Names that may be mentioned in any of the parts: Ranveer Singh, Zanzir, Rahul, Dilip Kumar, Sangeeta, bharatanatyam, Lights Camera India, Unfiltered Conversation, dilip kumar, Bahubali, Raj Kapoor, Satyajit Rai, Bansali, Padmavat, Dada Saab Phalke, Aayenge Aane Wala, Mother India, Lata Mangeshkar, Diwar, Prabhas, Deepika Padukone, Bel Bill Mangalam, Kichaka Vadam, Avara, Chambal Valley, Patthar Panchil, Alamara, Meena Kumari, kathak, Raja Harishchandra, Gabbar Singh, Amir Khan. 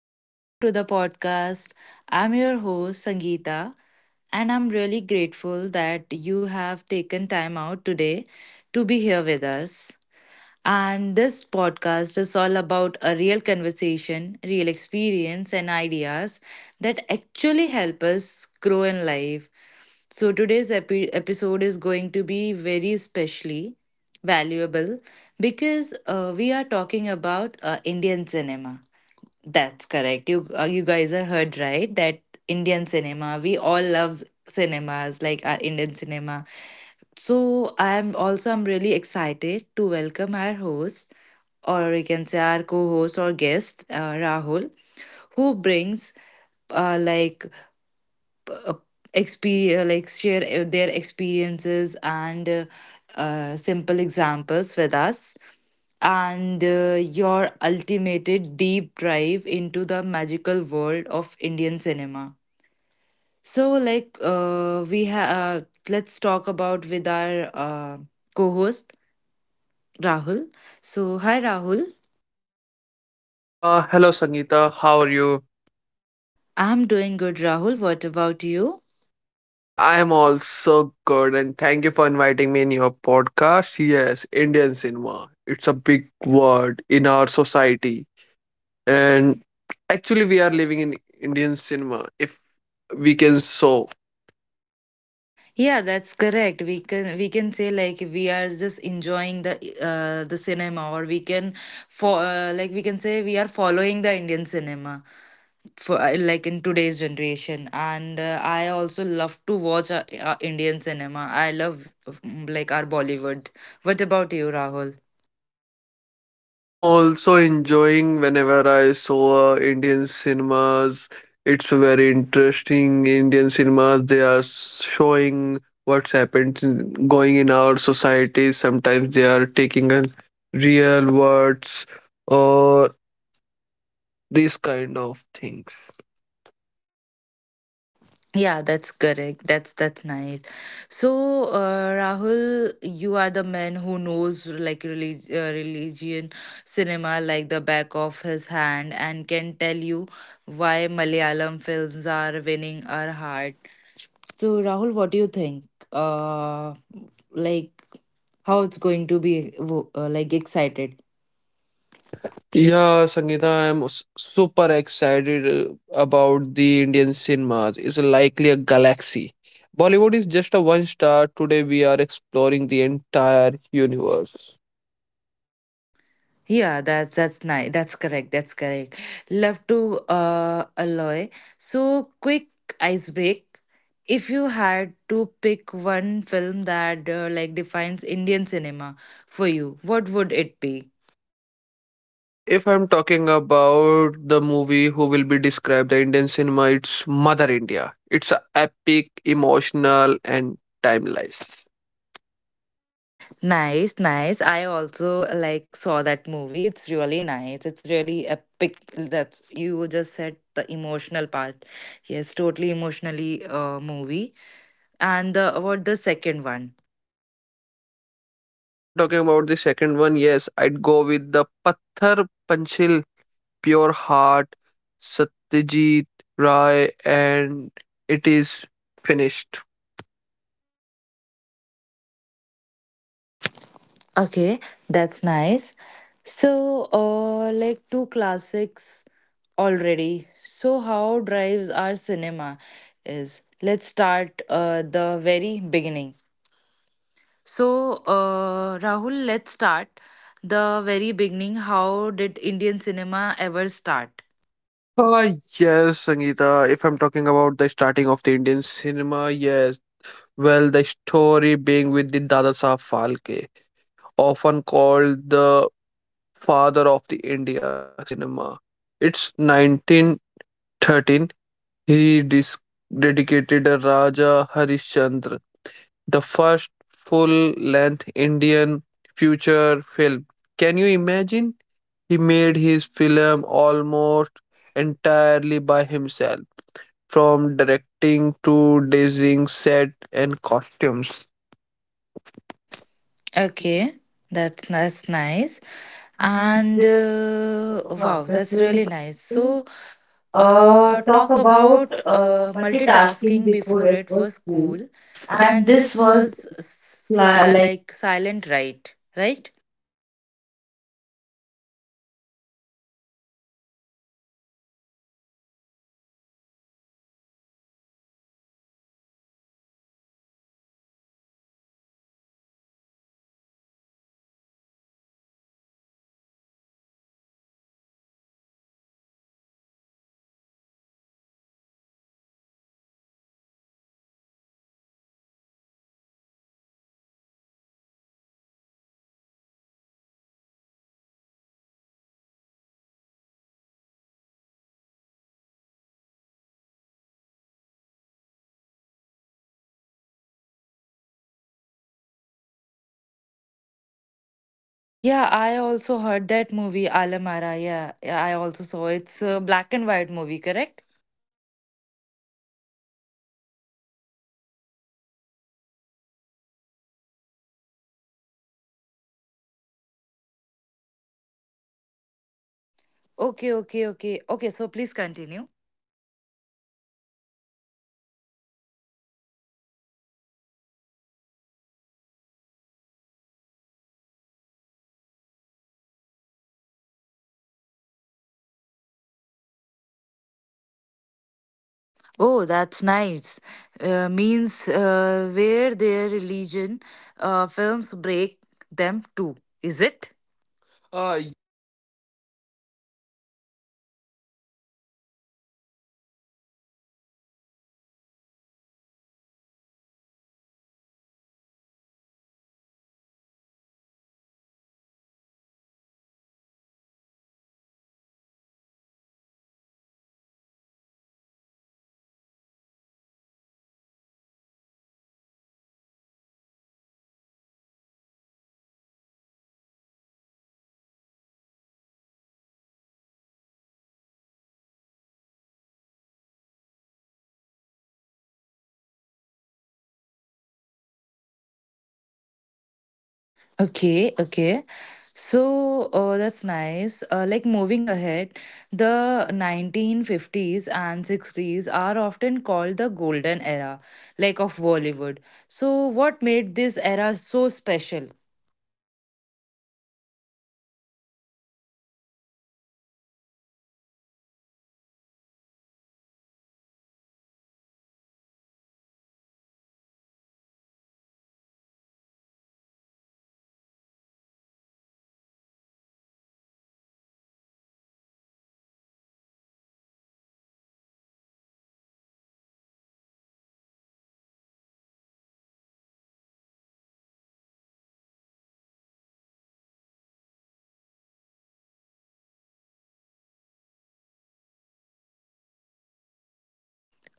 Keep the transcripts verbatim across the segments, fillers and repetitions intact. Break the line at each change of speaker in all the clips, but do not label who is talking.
and welcome to the podcast. I'm your host, Sangeeta, and I'm really grateful that you have taken time out today to be here with us. And this podcast is all about a real conversation, real experience, and ideas that actually help us grow in life. So, today's epi- episode is going to be very especially valuable because uh, we are talking about uh, Indian cinema, that's correct. You uh, you guys are heard right that Indian cinema, we all love cinemas like our Indian cinema. So I'm also I'm really excited to welcome our host, or we can say our co-host or guest, uh, Rahul, who brings uh, like uh, experience, like share uh, their experiences and uh, uh, simple examples with us, and uh, your ultimate deep dive into the magical world of Indian cinema. So, like, uh, we have, uh, let's talk about with our uh, co host, Rahul. So, hi, Rahul.
Uh, hello Sangeeta, how are you?
I'm doing good, Rahul. What about you?
Yeah, I am also good, and thank you for inviting me in your podcast. Yes, Indian cinema. It's a big word in our society, and actually, we are living in Indian cinema, if we can so.
Yeah, that's correct. We can we can say like we are just enjoying the uh, the cinema, or we can, for uh, like we can say we are following the Indian cinema for, uh, like, in today's generation. And uh, I also love to watch uh, uh, Indian cinema. I love um, like our Bollywood. What about you, Rahul?
Yeah, I'm also enjoying whenever I saw uh, Indian cinemas. It's very interesting. Indian cinemas, they are showing what's happened in- going in our society. Sometimes they are taking in real words or these kind of things.
Yeah, that's correct. That's that's nice. So, uh, Rahul, you are the man who knows like relig uh, religion cinema like the back of his hand and can tell you why Malayalam films are winning our heart. So, Rahul, what do you think? Uh, like how it's going to be wo- uh, like excited?
Yeah, Sangeeta, I'm s- super excited uh, about the Indian cinemas. It's likely a galaxy. Bollywood is just a one star. Today we are exploring the entire universe.
Yeah, that's that's nice. That's correct. That's correct. Love to uh alloy. So quick icebreak. If you had to pick one film that uh, like defines Indian cinema for you, what would it be?
If I'm talking about the movie who will be described the Indian cinema, it's Mother India. It's a epic, emotional, and timeless.
Nice, nice. I also like saw that movie. It's really nice. It's really epic. That's you just said the emotional part. Yes, totally emotionally uh movie. And the what the second one?
Uh, if I'm talking about the second one, yes, I'd go with the Patthar Panchil Pure Heart, Satyajit Rai, and it is finished.
Okay, that's nice. So, uh, like, two classics already. So, how drives our cinema is? Let's start uh, the very beginning. So, uh, Rahul, let's start the very beginning. How did Indian cinema ever start?
Ah, yes, Sangeeta. If I'm talking about the starting of the Indian cinema, yes. Well, the story being with the Dada Saab Phalke, often called the father of the India cinema. It's nineteen thirteen. He dis- dedicated a Raja Harishchandra, the first full length Indian feature film. Can you imagine? He made his film almost
Most.
entirely by himself, from directing to designing set and costumes.
Okay, that's that's nice.
And
And
uh,
uh,
Wow,
wow,
that's
that's
really
really nice.
cool.
So,
Uh,
uh,
talk
talk
about
about
uh,
uh,
multitasking
multitasking
before
before
it
it
was
was
cool.
cool,
And
and
this
this
was
was
li-
sli-
like
like silent, right? Right?
Uh, yes, Not, yes, the movie was completely silent. There are some only images or characters. They come and go. They are doing uh, these things in completely movie. Uh, only experienced gestures and re- intelligent people actually had live narrates in theater, explaining the scenes, imagines, watching, and black and white movies with a live commen- commentary like a mix of the cinema and the theater. And then came Alamara in nineteen thirty-one. It's a first wo- uh, talkative movie. People quite
Yeah, I also heard that movie Alamara. Yeah, yeah, I also saw it's a black and white movie, correct?
uh no, it's not a black and white. It's first voiceable movie. Okay,
Okay,
okay.
okay, okay, okay. So please continue.
Yes, the people choired for hours just to hear a voice on a screen. It had uh, seven songs sitting the templates of the music in India films.
Oh, that's nice. Uh, means uh, where their religion uh, films break them too, is it?
Ah,
Uh, y-
yes, absolutely. The Bengali cinema started with the Bel Bill Mangalam in nineteen nineteen, Tamil cinema with the Kichaka Vadam in nineteen sixty. Each region uh, and its own flavor from and the start. And let me not uh, forget, cinema was not just entertainment; it was a tool for social reform and culture identity. Even earlier films and mythological and historical narratives and that uh, reinforced values.
Okay, okay. So uh, that's nice. Uh, like moving ahead, the nineteen fifties and sixties are often called the golden era, like of Bollywood. So, what made this era so special?
Uh, if I'm talking about the eras, yes, it was a perfect mix of art, emotion. Take Raj Kapoor, Avara, a story about the poverty, cinema, and inconvenience. It themes of the social injustice, resource global. The song Avara, who was iconic in the Soviet Union and Satyajit Ray Parker's Panchil won an international accolade, putting a Bengali cinema on the world map.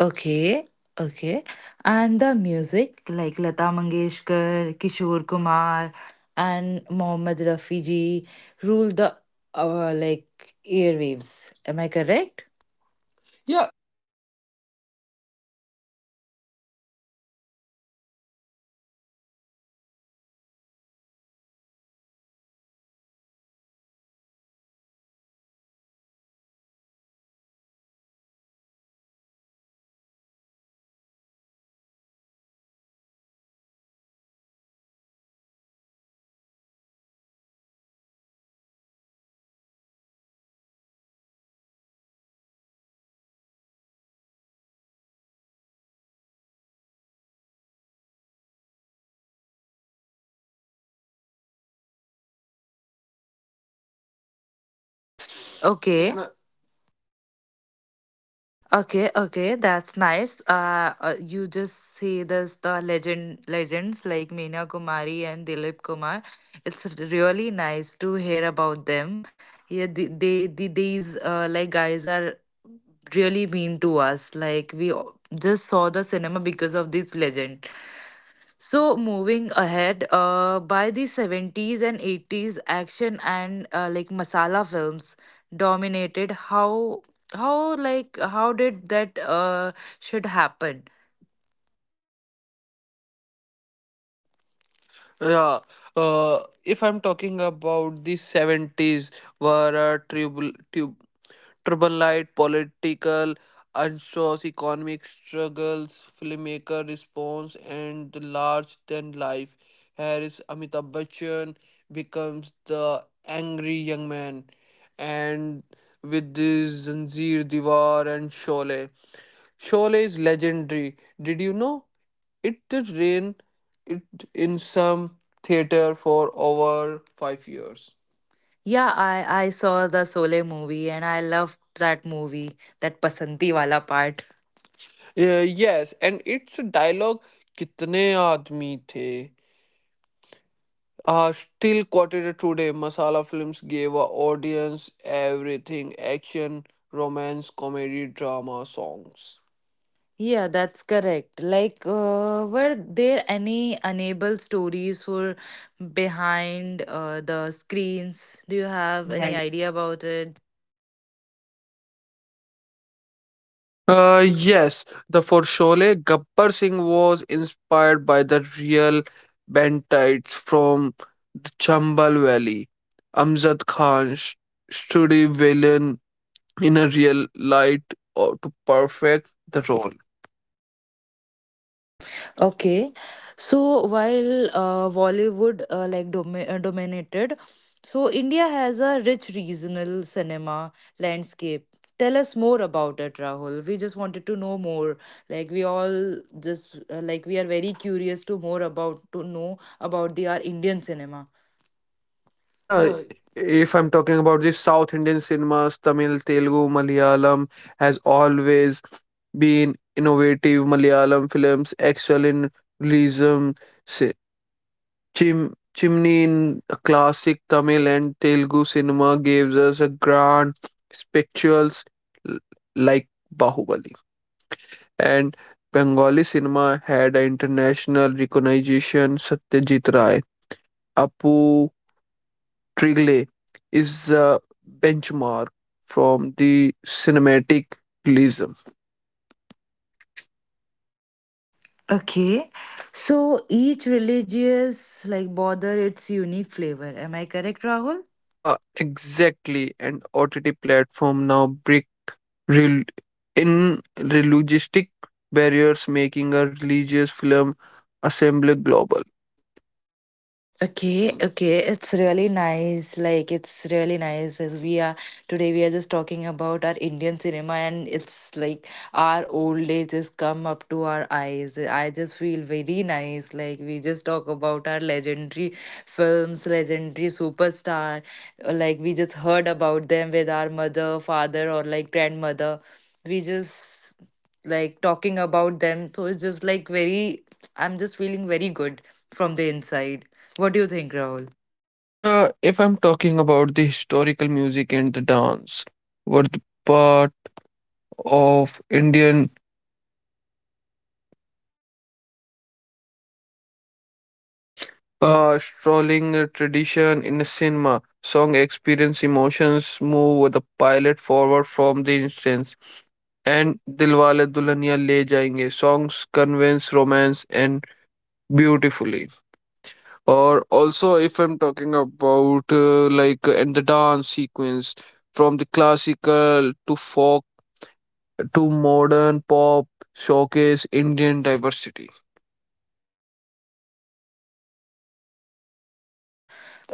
Okay, okay. And the music, like Lata Mangeshkar, Kishore Kumar, and Mohammed Rafi ji rule the, uh, like, airwaves. Am I correct?
Yeah,
Yeah.
exactly. The music denied define the film. For instance, Aayenge Aane Wala from Mahal create suspense and magic, even a commercial film, and had a strong moral undertone. Dubing Zamin address rule of poverty sahib biwi or gulam examined a woman oppressed and distressed like a Dilip Kumar and Meena Kumari becomes a legend. They weren't just actor, they were a culture iconic.
Okay. Okay, okay, that's nice. Uh, uh, you just see this the legend legends like Meena Kumari and Dilip Kumar. It's really nice to hear about them. Yeah, they, they, the these uh, like guys are really mean to us. Like we o- just saw the cinema because of this legend. So moving ahead, uh, by the seventies and eighties, action and uh, like masala films dominated. How how like how did that uh should happen. Yeah, uh, if I'm talking about the seventies, were uh, tribul tub tribal light, political, unsures, economic struggles, filmmaker response, and the large than life. Here is Amitabh Bachchan becomes the angry young man, and with this Zanzir Diwar and Sholay. Sholay is legendary. Did you know? It did rain it in some theater for over five years. Yeah, I I saw the Sole movie and I loved that movie, that Pasanti wala part. Uh, yes, and it's dialogue. कितने आदमी थे uh, still quoted today. Masala films gave our audience everything: action, romance, comedy, drama, songs. Yeah, that's correct. Like, uh, were there any unable stories for behind uh, the screens? Do you have any idea about it?
Uh, yes, the for Sholay, Gabbar Singh was inspired by the real Bantites from the Chambal Valley. Amjad Khan sh- stood a villain in a real light or to perfect the role.
Okay, so while uh, Bollywood uh, like domi uh, dominated, so India has a rich regional cinema landscape. Tell us more about it, Rahul. We just wanted to know more. Like we all just uh, like we are very curious to more about to know about the our Indian cinema.
Yeah,
Yeah.
if I'm talking about the South Indian cinemas, Tamil, Telugu, Malayalam has always been innovative. Malayalam films excel in realism, Chim- Chimney in classic Tamil and Telugu cinema gives us a grand spectacles l- like Bahubali. And Bengali cinema had an international recognition. Satyajit Ray, Apu Trigle is a benchmark from the cinematic realism.
Okay, so each religious like bother its unique flavor. Am I correct, Rahul?
Uh, exactly, and O T T platform now bring rel- in realistic barriers making a religious film assembly global.
Okay, okay. It's really nice. Like it's really nice as we are today we are just talking about our Indian cinema and it's like our old days just come up to our eyes. I just feel very nice. Like we just talk about our legendary films, legendary superstar. Like we just heard about them with our mother, father, or like grandmother. We just like talking about them. So it's just like very, I'm just feeling very good from the inside. What do you think, Rahul?
Uh, if I'm talking about the historical music and the dance, were the part of Indian uh, strolling tradition in the cinema. Song experience emotions move the pilot forward from the instance. And Dilwale Dulhania Le Jayenge songs convince romance and beautifully. Or also if I'm talking about uh, like uh, and the dance sequence from the classical to folk to modern pop showcase Indian diversity.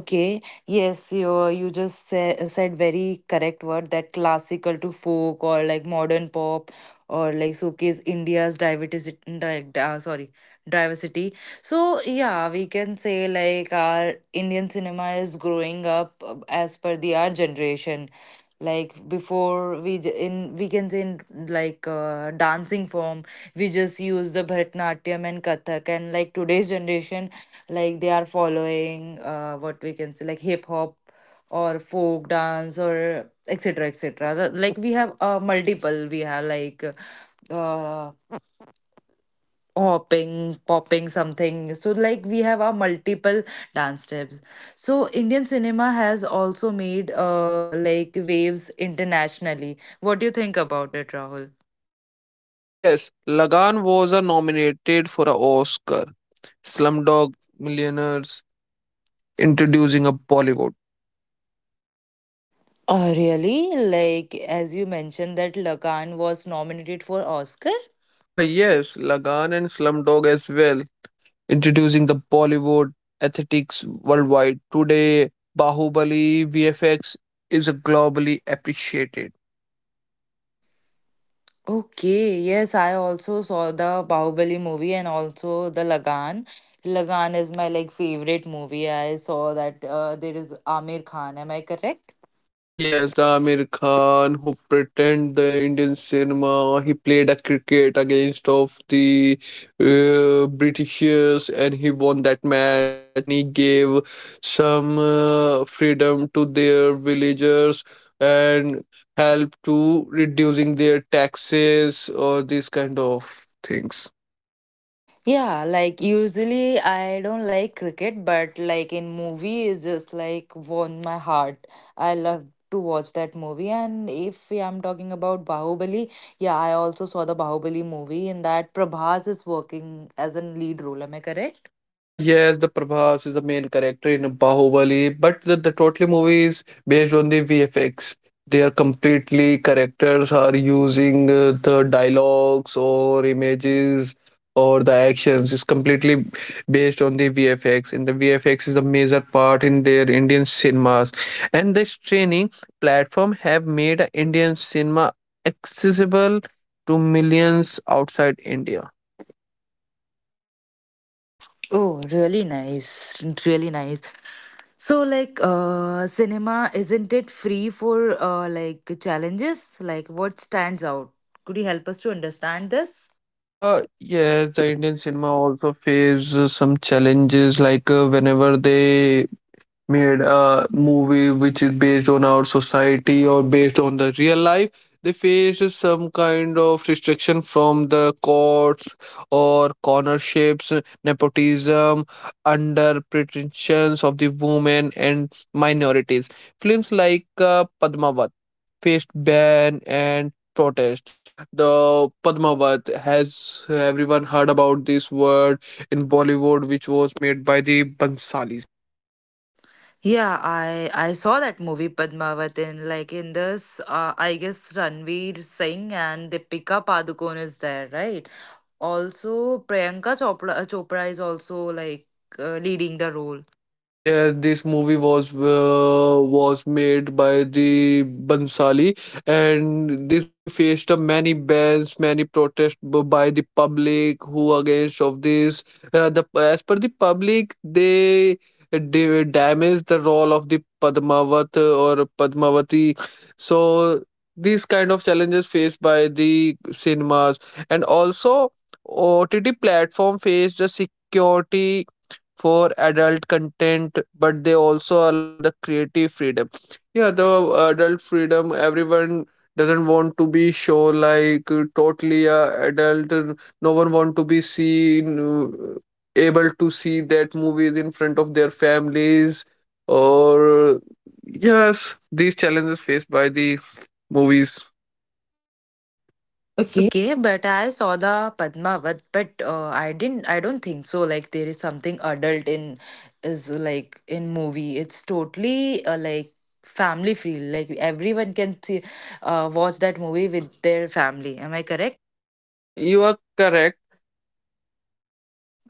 Okay, yes, you you just said, said very correct word that classical to folk or like modern pop or like showcase India's diversity. di- Uh, sorry, diversity. So yeah, we can say like our Indian cinema is growing up uh, as per the our generation. Like before we j- in weekends in like uh, dancing form, we just use the bharatanatyam and kathak, and like today's generation, like they are following uh, what we can say like hip hop or folk dance or etc, etc. Like we have uh, multiple we have like uh, hopping, popping, something. So, like, we have our multiple dance steps. So, Indian cinema has also made uh, like waves internationally. What do you think about it, Rahul?
uh, Yes, Lagan was uh, nominated for an Oscar. Slumdog Millionaires introducing a Bollywood.
Uh, really? Like, as you mentioned, that Lagan was nominated for Oscar?
Uh, yes, Lagan and Slumdog as well introducing the Bollywood aesthetics worldwide. Today, Bahubali V F X is globally appreciated.
Okay, yes, I also saw the Bahubali movie and also the Lagan. Lagan is my like favorite movie. I saw that uh, there is Amir Khan. Am I correct?
Uh, Yes, the Amir Khan who pretend the Indian cinema, he played a cricket against of the uh, Britishers, and he won that match and he gave some uh, freedom to their villagers and help to reducing their taxes or these kind of things.
Yeah, like usually I don't like cricket, but like in movie is just like won my heart. I love to watch that movie. And if we- I'm talking about Bahubali, yeah, I also saw the Bahubali movie in that Prabhas is working as a lead role. Am I correct?
Uh, yes, the Prabhas is the main character in Bahubali, but the, the totally movie is based on the V F X. They are completely characters are using uh, the dialogues or images or the actions is completely based on the V F X, and the V F X is a major part in their Indian cinemas. And this training platform have made Indian cinema accessible to millions outside India.
Oh, really nice. Really nice. So like uh cinema, isn't it free for uh like challenges? Like what stands out? Could you help us to understand this?
Uh, yes, the Indian cinema also face uh, some challenges like uh, whenever they made a movie which is based on our society or based on the real life, they face some kind of restriction from the courts or cornerships, nepotism, under pretensions of the women and minorities. Films like uh, Padmavat faced ban and protest. The Padmavat, has everyone heard about this word in Bollywood, which was made by the Bansalis?
Yeah, I I saw that movie Padmavat in like in this uh, I guess Ranveer Singh and Deepika Padukone is there, right? Also Priyanka Chopra Chopra is also like uh, leading the role.
Yeah, this movie was uh, was made by the Bansali, and this movie faced uh, many bans, many protests b- by the public who against of this. Uh, the as per the public, they they damage the role of the Padmavat uh, or Padmavati. So these kind of challenges faced by the cinemas, and also O T T platform faced a security for adult content, but they also allow the creative freedom. Yeah, the uh, adult freedom, everyone doesn't want to be show like uh, totally uh, adult uh, no one want to be seen uh, able to see that movies in front of their families or yes these challenges faced by the movies. Okay.
Okay, but I saw the Padmavat, but uh, I didn't I don't think so like there is something adult in is like in movie. It's totally uh, like family feel, like everyone can see, uh, watch that movie with their family. Am I correct?
Yeah, you are correct.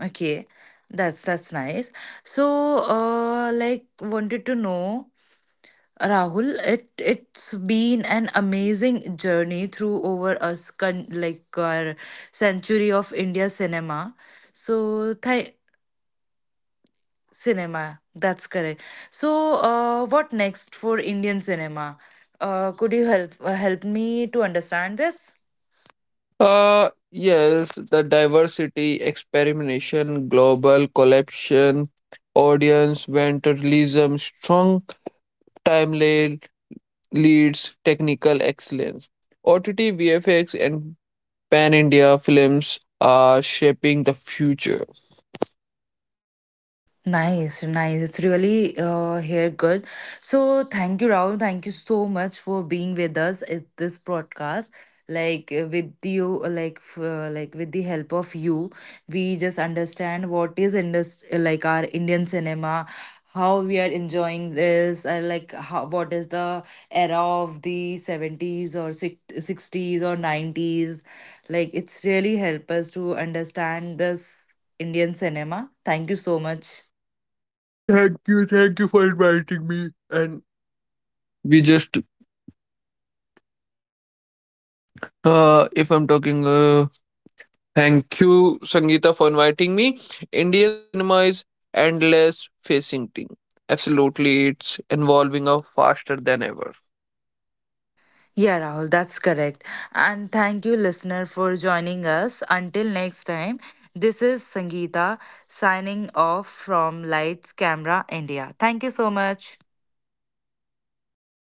Okay, that's that's nice. So, uh, like, wanted to know, Rahul, it it's been an amazing journey through over us con like our century of India cinema. So, Thai cinema, that's correct. So, uh, what next for Indian cinema? Uh, could you help uh, help me to understand this?
Uh, yes, the diversity, experimentation, global collection, audience, venturism, strong timeline, leads, technical excellence. O T T, V F X and Pan India films are shaping the future.
Nice, nice. It's really uh here good. So thank you, Rahul. Thank you so much for being with us at this broadcast. Like uh, with you, uh, like f- uh, like with the help of you, we just understand what is indus- uh, like our Indian cinema, how we are enjoying this, uh, like how, what is the era of the seventies or six sixties or nineties. Like it's really help us to understand this Indian cinema. Thank you so much.
Thank you, thank you for inviting me. And we just, uh, if I'm talking uh, thank you, Sangeeta, for inviting me. Indian cinema is endless, fascinating. Absolutely, it's evolving up faster than ever.
Yeah, Rahul, that's correct. And thank you, listener, for joining us. Until next time, this is Sangeeta signing off from Lights Camera India. Thank you so much.